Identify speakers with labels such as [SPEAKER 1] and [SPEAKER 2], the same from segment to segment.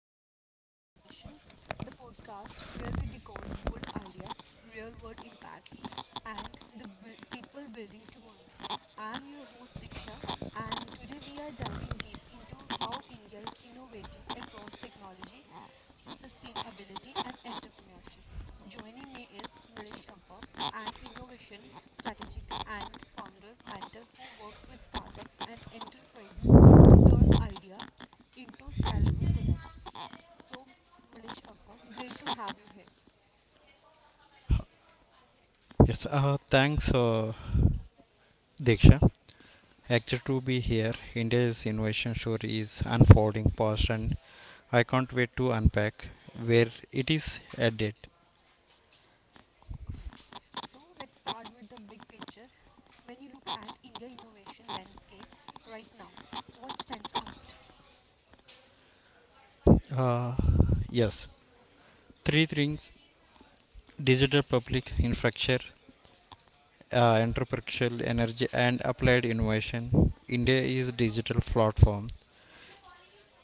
[SPEAKER 1] India Future of Innovation, the podcast where we decode bold ideas, real world impact, and people building tomorrow. I'm your host Diksha, and today we are diving deep into how India is innovating across technology, sustainability, and entrepreneurship. Joining me is Nilesh Abba, an innovation strategic and founder mentor who works with startups and enterprises to turn idea into scalable products. So, Mulish Appa, great to have you here.
[SPEAKER 2] Yes, thanks, Diksha. Excited to be here. India's innovation story is unfolding fast, and I can't wait to unpack where it is headed.
[SPEAKER 1] So, let's start with the big picture. When you look at India innovation landscape right now, what stands out?
[SPEAKER 2] Uh, yes, three things: digital public infrastructure, entrepreneurial energy, and applied innovation. India is digital platform.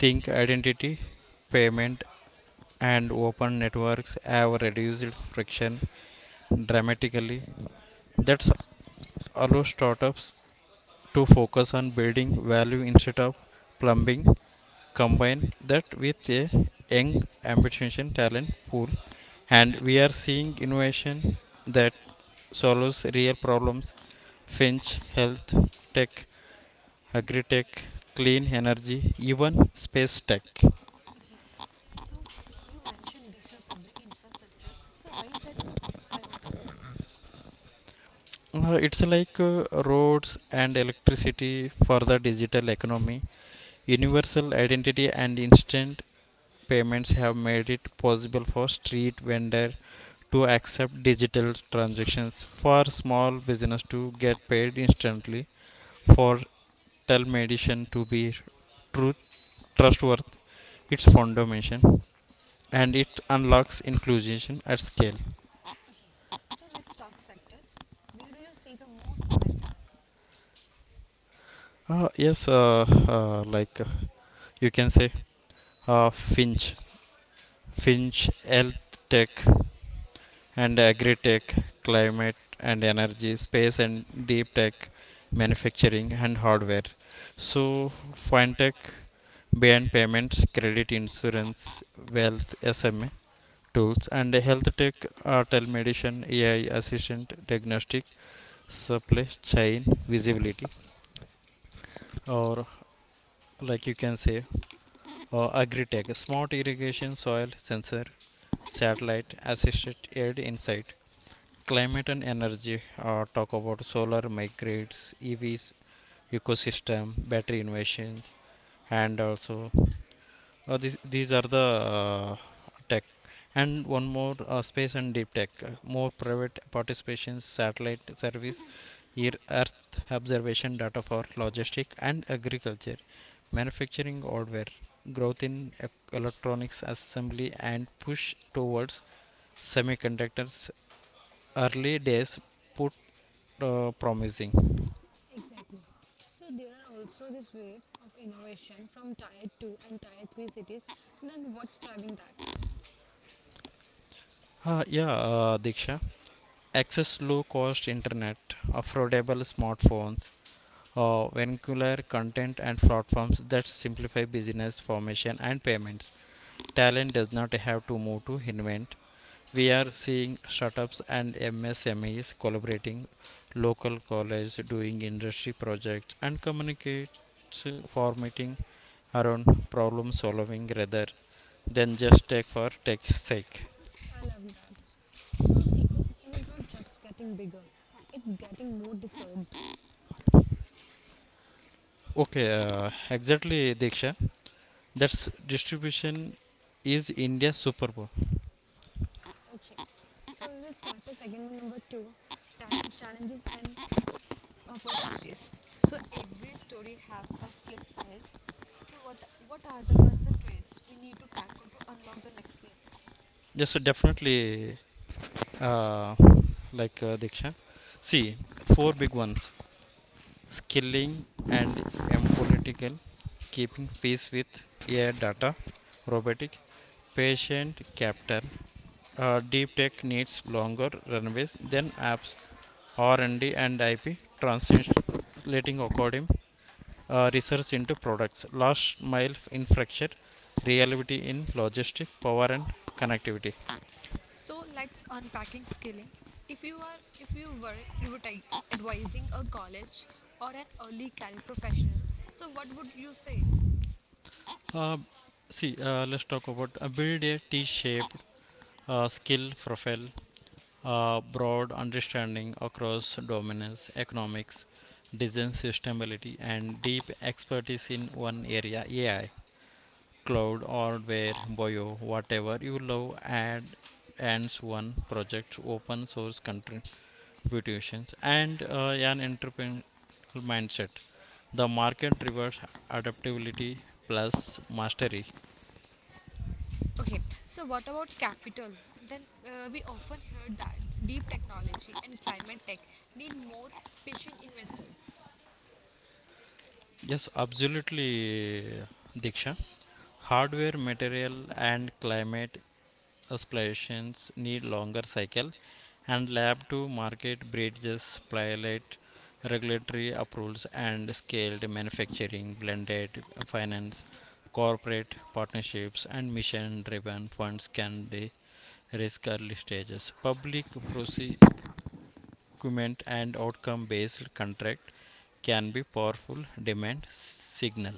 [SPEAKER 2] Think identity, payment, and open networks have reduced friction dramatically. That's allow startups to focus on building value instead of plumbing. Combine that with a young, ambitious talent pool, and we are seeing innovation that solves real problems. Finch, health, tech, agri-tech, clean energy, even space tech.
[SPEAKER 1] Okay. So, you mentioned digital public infrastructure. So, why is that so pivotal?
[SPEAKER 2] It's like roads and electricity for the digital economy. Universal identity and instant payments have made it possible for street vendor to accept digital transactions, for small business to get paid instantly, for telemedicine to be truth trustworthy. Its foundation, and it unlocks inclusion at scale.
[SPEAKER 1] Okay. So, let's talk sectors. Where do you see the most momentum?
[SPEAKER 2] Uh, yes like you can say uh, finch finch health tech and agri-tech, climate and energy, space and deep tech, manufacturing and hardware. So, fintech beyond payments, credit, insurance, wealth, SMA tools, and health tech are telemedicine, AI assistant, diagnostic, supply chain visibility. Or like you can say, agri tech, smart irrigation, soil sensor, satellite assisted aid insight. Climate and energy, talk about solar migrates, EVs, ecosystem, battery innovations, and also these are the uh, tech. And one more, space and deep tech, more private participation, satellite service, Earth observation data for logistic and agriculture, manufacturing hardware, growth in electronics assembly, and push towards semiconductors. Early days put, promising.
[SPEAKER 1] Exactly. So there are also this wave of innovation from tier 2 and tier 3 cities, then what's driving that?
[SPEAKER 2] Yeah, Diksha. Access low cost internet, affordable smartphones, vernacular content and platforms that simplify business formation and payments. Talent does not have to move to invent. We are seeing startups and MSMEs collaborating, local college doing industry projects and communicates formatting around problem solving rather than just tech for tech's sake.
[SPEAKER 1] I love that. So the ecosystem is not just getting bigger, it's getting more disturbed.
[SPEAKER 2] Okay, exactly, Diksha. That's distribution is India superpower.
[SPEAKER 1] Okay. So we will start the segment number two, that challenges and opportunities. So every story has a flip side. So what are the concentrates we need to tackle to unlock the next leap?
[SPEAKER 2] Yes, so definitely, uh, Diksha. See, four big ones: skilling and apolitical, keeping pace with AI data, robotic, patient capital. Deep tech needs longer runways than apps, R&D, and IP, translating according, research into products, last mile in fracture, reality in logistics, power and connectivity.
[SPEAKER 1] So let's unpacking skilling. If you were advising a college or an early career professional, so what would you say?
[SPEAKER 2] Uh, let's talk about, build a T-shaped, skill profile, broad understanding across domains, economics, design sustainability, and deep expertise in one area, AI, cloud or where bio, whatever you love, add ends one project, open source contributions, and an entrepreneurial mindset. The market rewards adaptability plus mastery.
[SPEAKER 1] Okay, so what about capital? Then we often hear that deep technology and climate tech need more patient investors.
[SPEAKER 2] Yes, absolutely, Diksha. Hardware, material, and climate aspirations need longer cycle, and lab to market bridges, pilot, regulatory approvals, and scaled manufacturing, blended finance, corporate partnerships, and mission-driven funds can risk early stages. Document and outcome based contract can be powerful demand signal.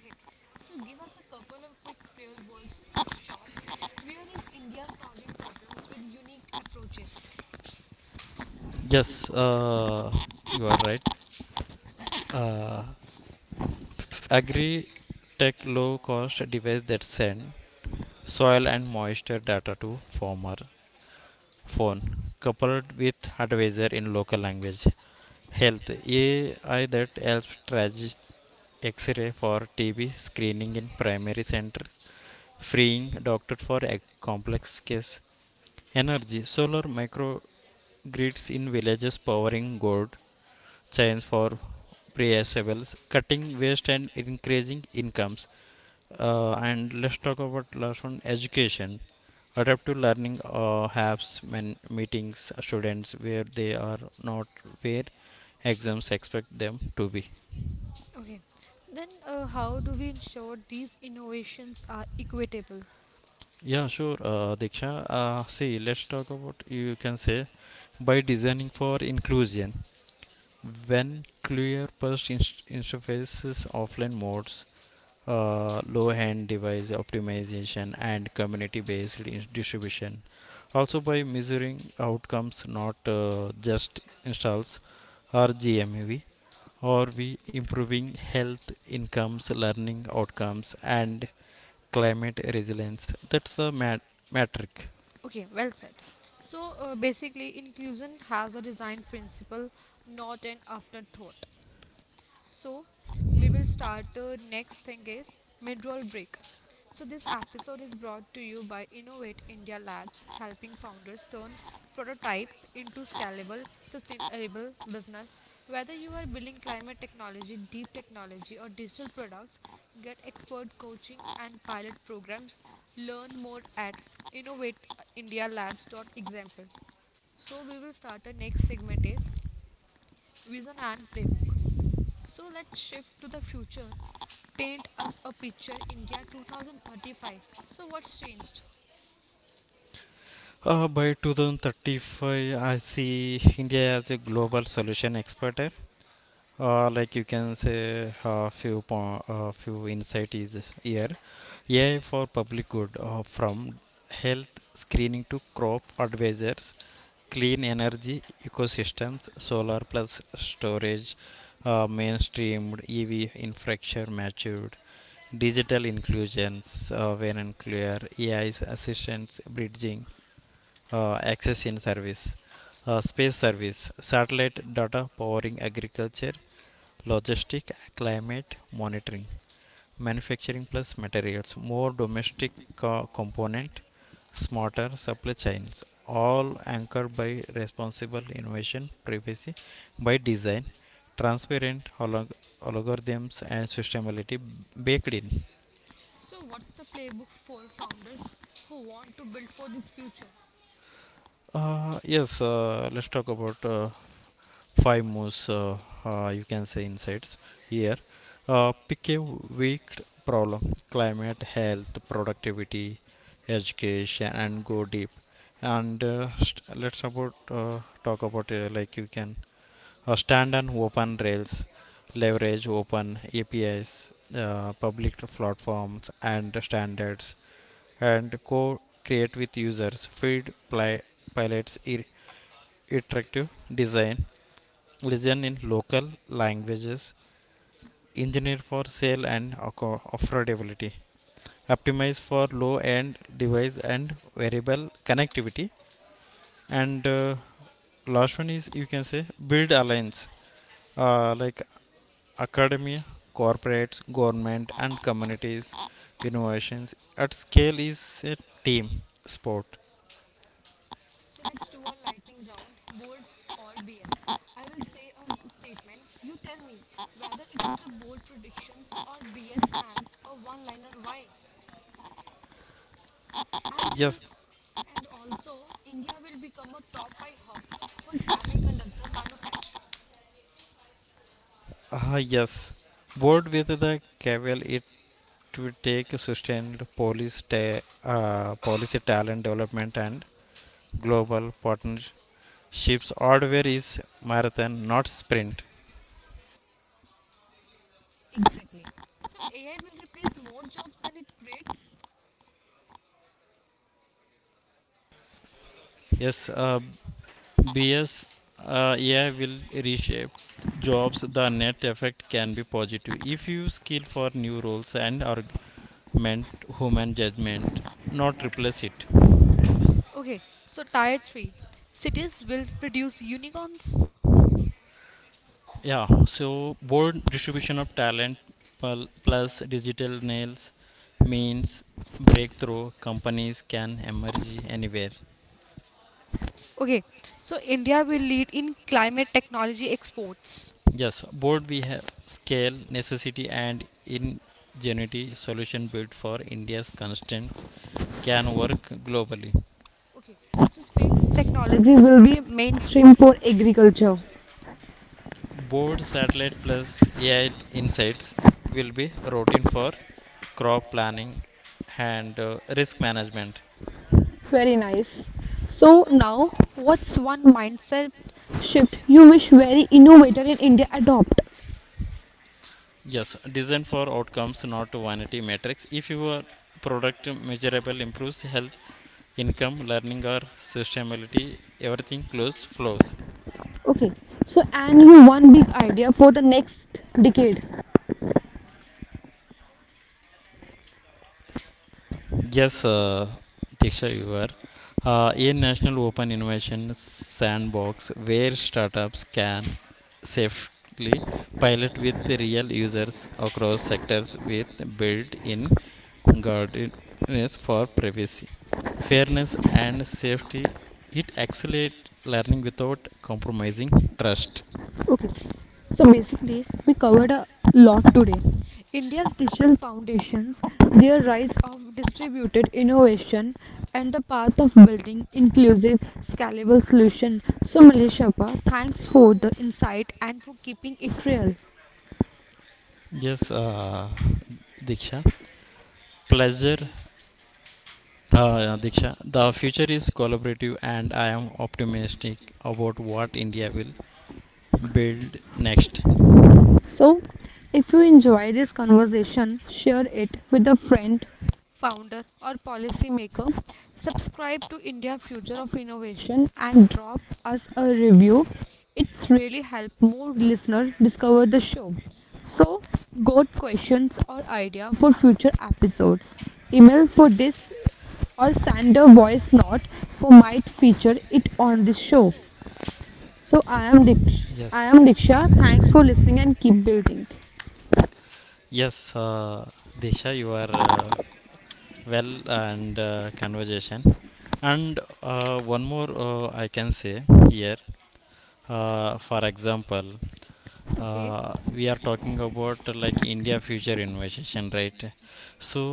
[SPEAKER 1] Okay, so give us a couple of quick real world snapshots. Where is India solving problems with unique approaches?
[SPEAKER 2] Yes, uh, you are right. uh, Agri tech low cost device that send soil and moisture data to farmer phone, coupled with advisor in local language. Health AI that helps track x-ray for TB screening in primary centers, freeing doctors for complex case. Energy solar microgrids in villages powering gold chains for Priasables, cutting waste and increasing incomes. And let's talk about last one, education. Adaptive learning, helps men meetings students where they are not, where exams expect them to be.
[SPEAKER 1] Okay, then how do we ensure these innovations are equitable?
[SPEAKER 2] Yeah, sure, Diksha. Let's talk about, you can say, by designing for inclusion, when clear interfaces, offline modes, low end device optimization, and community based distribution. Also by measuring outcomes, not just installs or gmev, or we improving health, incomes, learning outcomes, and climate resilience. That's the metric.
[SPEAKER 1] Okay, well said. So basically, inclusion has a design principle, not an afterthought. So we will start. The next thing is mid-roll break. So this episode is brought to you by Innovate India Labs, helping founders turn prototype into scalable, sustainable business. Whether you are building climate technology, deep technology, or digital products, get expert coaching and pilot programs. Learn more at innovateindialabs.example. So we will start. The next segment is vision and playbook. So let's shift to the future. Paint us a picture India 2035. So what's changed?
[SPEAKER 2] By 2035 I see India as a global solution expert, eh? Like you can say A few insight is here. AI for public good, from health screening to crop advisors. Clean energy ecosystems, solar plus storage, mainstreamed EV infrastructure matured, digital inclusions, when and clear AI's assistance bridging, access in service, space service, satellite data powering agriculture, logistic, climate monitoring, manufacturing plus materials, more domestic component, smarter supply chains, all anchored by responsible innovation, privacy by design, transparent algorithms, and sustainability baked in.
[SPEAKER 1] So what's the playbook for founders who want to build for this future?
[SPEAKER 2] Yes let's talk about, five most, you can say insights here. Pick a weak problem: climate, health, productivity, education, and go deep. And st- let's about talk about like you can stand on open rails, leverage open APIs, public platforms and standards, and co create with users, feed pilots, iterative design, listen in local languages, engineer for sale and affordability, optimize for low end device and variable connectivity, and last one is, you can say, build alliance: uh, like academia, corporates, government, and communities. Innovations at scale is a team sport.
[SPEAKER 1] So let's do a lightning round, bold or BS. I will say a statement. You tell me whether it's a bold predictions or BS and a one-liner why. And uh,
[SPEAKER 2] Yes.
[SPEAKER 1] and also India will become a top five hub for semiconductor manufacturing.
[SPEAKER 2] uh, yes. Board, with the caveat, to take sustained policy, policy talent development and global partnerships. Hardware is marathon, not sprint.
[SPEAKER 1] Exactly. So AI will replace more jobs than it creates.
[SPEAKER 2] Yes, BS. AI will reshape jobs. The net effect can be positive if you skill for new roles and augment human judgment, not replace it.
[SPEAKER 1] Okay, so tier 3 cities will produce unicorns.
[SPEAKER 2] Yeah, so broad distribution of talent plus digital nails means breakthrough companies can emerge anywhere.
[SPEAKER 1] Okay, so India will lead in climate technology exports.
[SPEAKER 2] Yes, Board, we have scale, necessity, and ingenuity solution built for India's constraints can work globally.
[SPEAKER 1] Okay, so space technology will be mainstream for agriculture.
[SPEAKER 2] Board satellite plus AI insights will be routine for crop planning and risk management.
[SPEAKER 1] Very nice. So now, what's one mindset? Shift. You wish very innovator in India adopt.
[SPEAKER 2] Yes, design for outcomes, not vanity metrics. If your product measurable improves health, income, learning, or sustainability, everything close flows.
[SPEAKER 1] Okay. So and you one big idea for the next decade.
[SPEAKER 2] Yes, Diksha, you are. A national open innovation sandbox where startups can safely pilot with real users across sectors with built-in guardrails for privacy, fairness, and safety. It accelerates learning without compromising trust.
[SPEAKER 1] Okay. So basically, we covered a lot today. India's digital foundations, their rise of distributed innovation, and the path of building inclusive, scalable solution. So Malaysia, thanks for the insight and for keeping it real.
[SPEAKER 2] Yes, Diksha. Pleasure, yeah, Diksha. The future is collaborative, and I am optimistic about what India will build next.
[SPEAKER 1] So, if you enjoy this conversation, share it with a friend, founder, or policymaker. Subscribe to India Future of Innovation and drop us a review. It's really helped more listeners discover the show. So, got questions or idea for future episodes? Email for this or send a voice note for might feature it on this show. So I am Diksha.
[SPEAKER 2] Yes,
[SPEAKER 1] I am Diksha. Thanks for listening and keep building.
[SPEAKER 2] yes, Disha, you are uh, well and conversation, and one more, I can say here, for example,
[SPEAKER 1] Okay.
[SPEAKER 2] we are talking about, India future innovation, right? So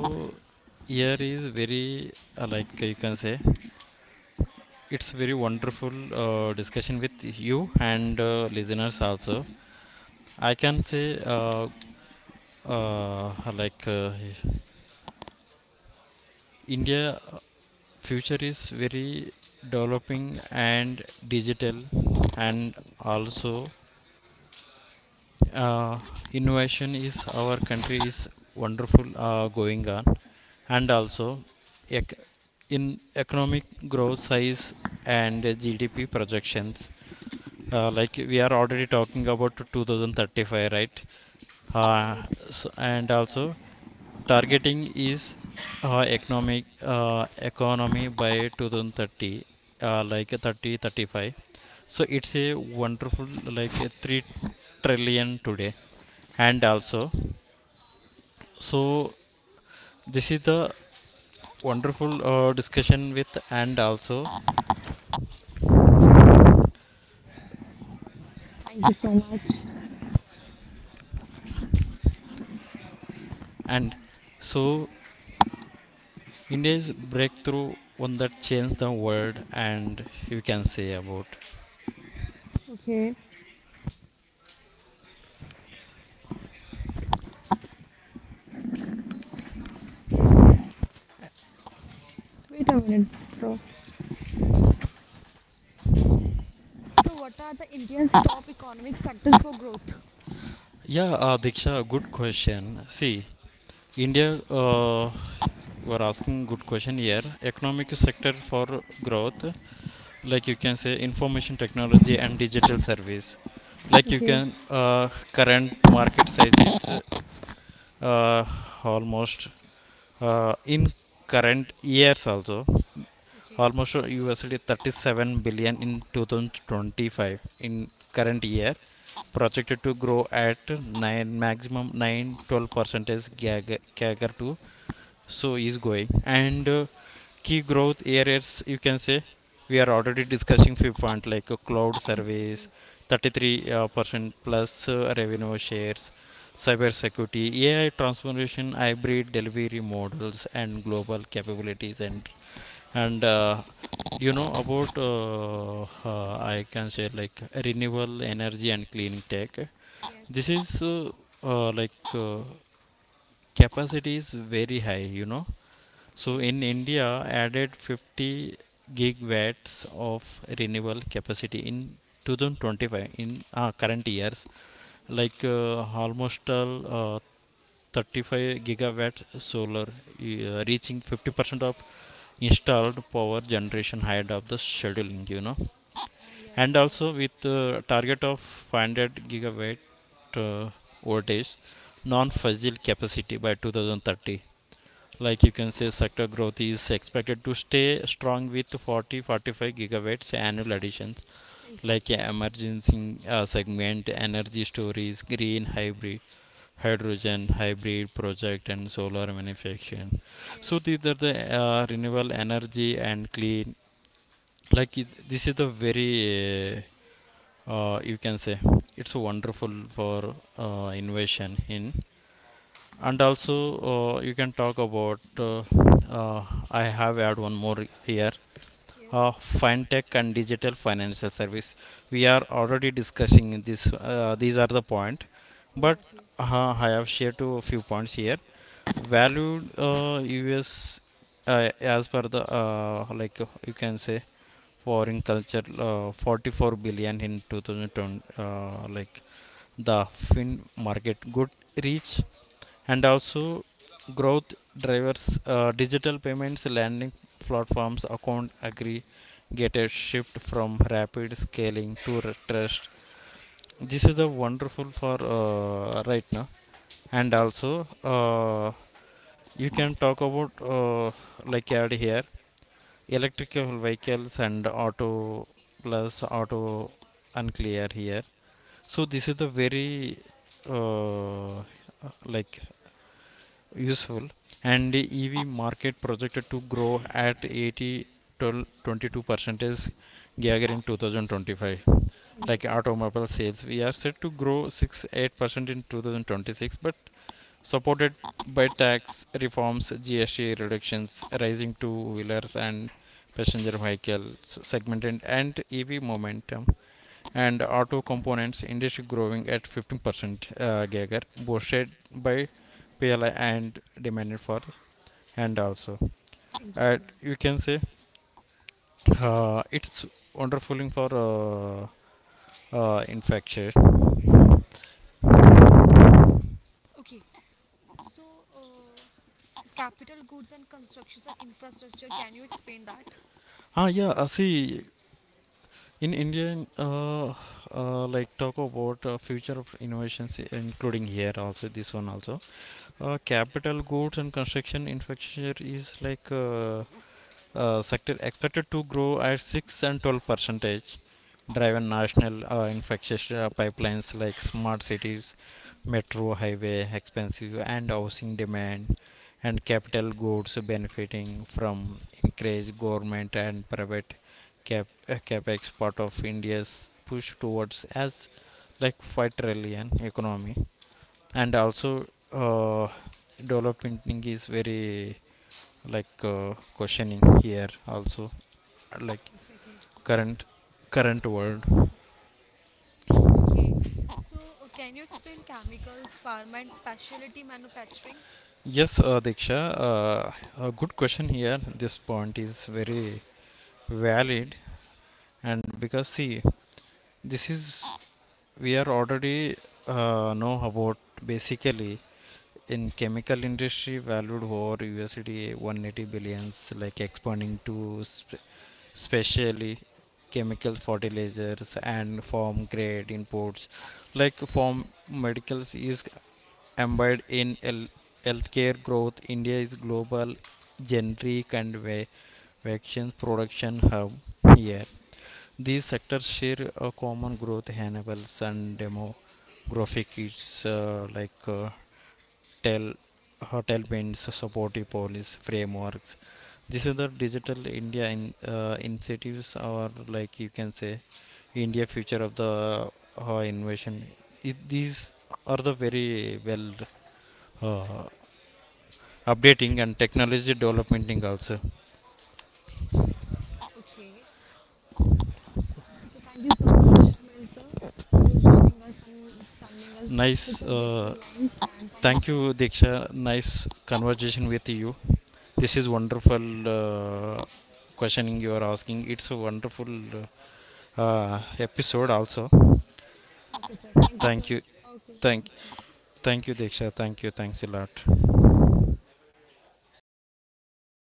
[SPEAKER 2] here is very, like you can say it's very wonderful discussion with you, and listeners also. I can say, uh, like uh, India future is very developing, and digital, and also, uh, innovation is our country is wonderful, going on. And also, ec- in economic growth size and GDP projections, like we are already talking about 2035, right? uh,
[SPEAKER 1] Right.
[SPEAKER 2] so, and also targeting is, economic economy by 2030, like 30 35. So it's a wonderful, like a 3 trillion today, and also, so this is the wonderful discussion with, and also,
[SPEAKER 1] Thank you so much.
[SPEAKER 2] and so India's breakthrough one that changed the world, and you can say about.
[SPEAKER 1] Okay. Wait a minute. So, so, what are the India's top economic sectors for growth?
[SPEAKER 2] Yeah, Diksha, good question. See, India, were asking good question here. Economic sector for growth, like you can say, information technology and digital service, like you
[SPEAKER 1] Okay.
[SPEAKER 2] can, current market size is, uh, almost, in current years also,
[SPEAKER 1] Okay.
[SPEAKER 2] almost USD 37 billion in 2025, in current year, projected to grow at 9, maximum nine twelve, 12 percentage CAGR to, so is going. And key growth areas, you can say, we are already discussing few point, like cloud service
[SPEAKER 1] Exactly.
[SPEAKER 2] 33 percent plus revenue shares, cyber security, AI transformation, hybrid delivery models, and global capabilities, and and uh, you know about, I can say, like, renewable energy and clean tech. This
[SPEAKER 1] Yes.
[SPEAKER 2] is, uh, uh, like uh, capacity is very high, you know. So in
[SPEAKER 1] Yes.
[SPEAKER 2] India, added 50 gigawatts of renewable capacity in 2025 in current years, like almost all, 35 gigawatt solar, reaching 50% of installed power generation ahead of the scheduling, you know.
[SPEAKER 1] Yes.
[SPEAKER 2] And
[SPEAKER 1] I know.
[SPEAKER 2] also with target of 500 gigawatt uh, voltage non-fossil capacity by 2030, like you can say sector growth is expected to stay strong with 40 to 45 gigawatts annual additions, like
[SPEAKER 1] Exactly.
[SPEAKER 2] emergency segment, energy storage, green hybrid, hydrogen hybrid project, and solar manufacturing. So
[SPEAKER 1] Yes.
[SPEAKER 2] these are the renewable energy and clean. Like it, this is the very, you can say it's wonderful for innovation in. And also, you can talk about, uh, I have add one more here:
[SPEAKER 1] Yes.
[SPEAKER 2] fintech and digital financial service. We are already discussing in this, these are the point. But
[SPEAKER 1] Exactly.
[SPEAKER 2] I have shared to a few points here. Valued, us, as per the, you can say foreign culture, 44 billion in 2020, like the fin market good reach. And also growth drivers: digital payments, landing platforms, account aggregators, shift from rapid scaling to trust. This is the wonderful for right now. And
[SPEAKER 1] Yes.
[SPEAKER 2] also, you can talk about, uh, like add here, electrical vehicles and auto plus auto unclear here. So this is the very, uh, like useful. And the EV market projected to grow at 80 to 22 percentage CAGR in 2025, like automobile sales we are set to grow 6 to 8% in 2026, but supported by tax reforms, GST reductions, rising two wheelers and passenger vehicle segment, and EV momentum, and auto components industry growing at 15% CAGR, boosted by PLI and demanded for. And also, and
[SPEAKER 1] Exactly.
[SPEAKER 2] you can say, it's wonderful for, infrastructure.
[SPEAKER 1] Okay. So, capital goods and constructions and infrastructure. Can you explain that?
[SPEAKER 2] Yeah, See, in India, talk about future of innovations, including here also, this one also, capital goods and construction infrastructure is like, sector expected to grow at 6 and 12 percentage, driven
[SPEAKER 1] Okay.
[SPEAKER 2] national infrastructure pipelines like smart cities, metro highway expensive, and housing demand. And capital goods benefiting from increased government and private capex, part of india's push towards as, like, 5 trillion economy. And also, uh, development is very, like, questioning here also, like,
[SPEAKER 1] Exactly.
[SPEAKER 2] current current world.
[SPEAKER 1] Okay. So, can you explain chemicals, pharma, and specialty manufacturing?
[SPEAKER 2] Yes, Diksha, uh, a good question here. This point is very
[SPEAKER 1] Okay.
[SPEAKER 2] valid. And because, see, this is, we are already, know about, basically, in chemical industry valued over USD 180 billions, like expanding to especially chemical fertilizers and farm grade imports. Like farm medicals is embedded in, healthcare growth. India is global generic and vaccines production hub here. These sectors share a common growth enables and demographic, it's tel hotel winds supportive policy frameworks. This is the digital India in, initiatives, or, like you can say, India future of the innovation. It, these are the very well uh, updating, and technology developmenting also.
[SPEAKER 1] Okay. So, thank you so much, Melissa, to joining us and sending us such
[SPEAKER 2] Nice.
[SPEAKER 1] a beautiful lines. And thank you,
[SPEAKER 2] Thank
[SPEAKER 1] sir.
[SPEAKER 2] you, Diksha. Nice conversation with you. This is wonderful. Questioning you are asking, it's a wonderful episode also.
[SPEAKER 1] Okay, sir. Thank you, sir.
[SPEAKER 2] Thank you.
[SPEAKER 1] Okay,
[SPEAKER 2] thank
[SPEAKER 1] thank you.
[SPEAKER 2] thank you, Diksha. Thank you. Thanks a lot.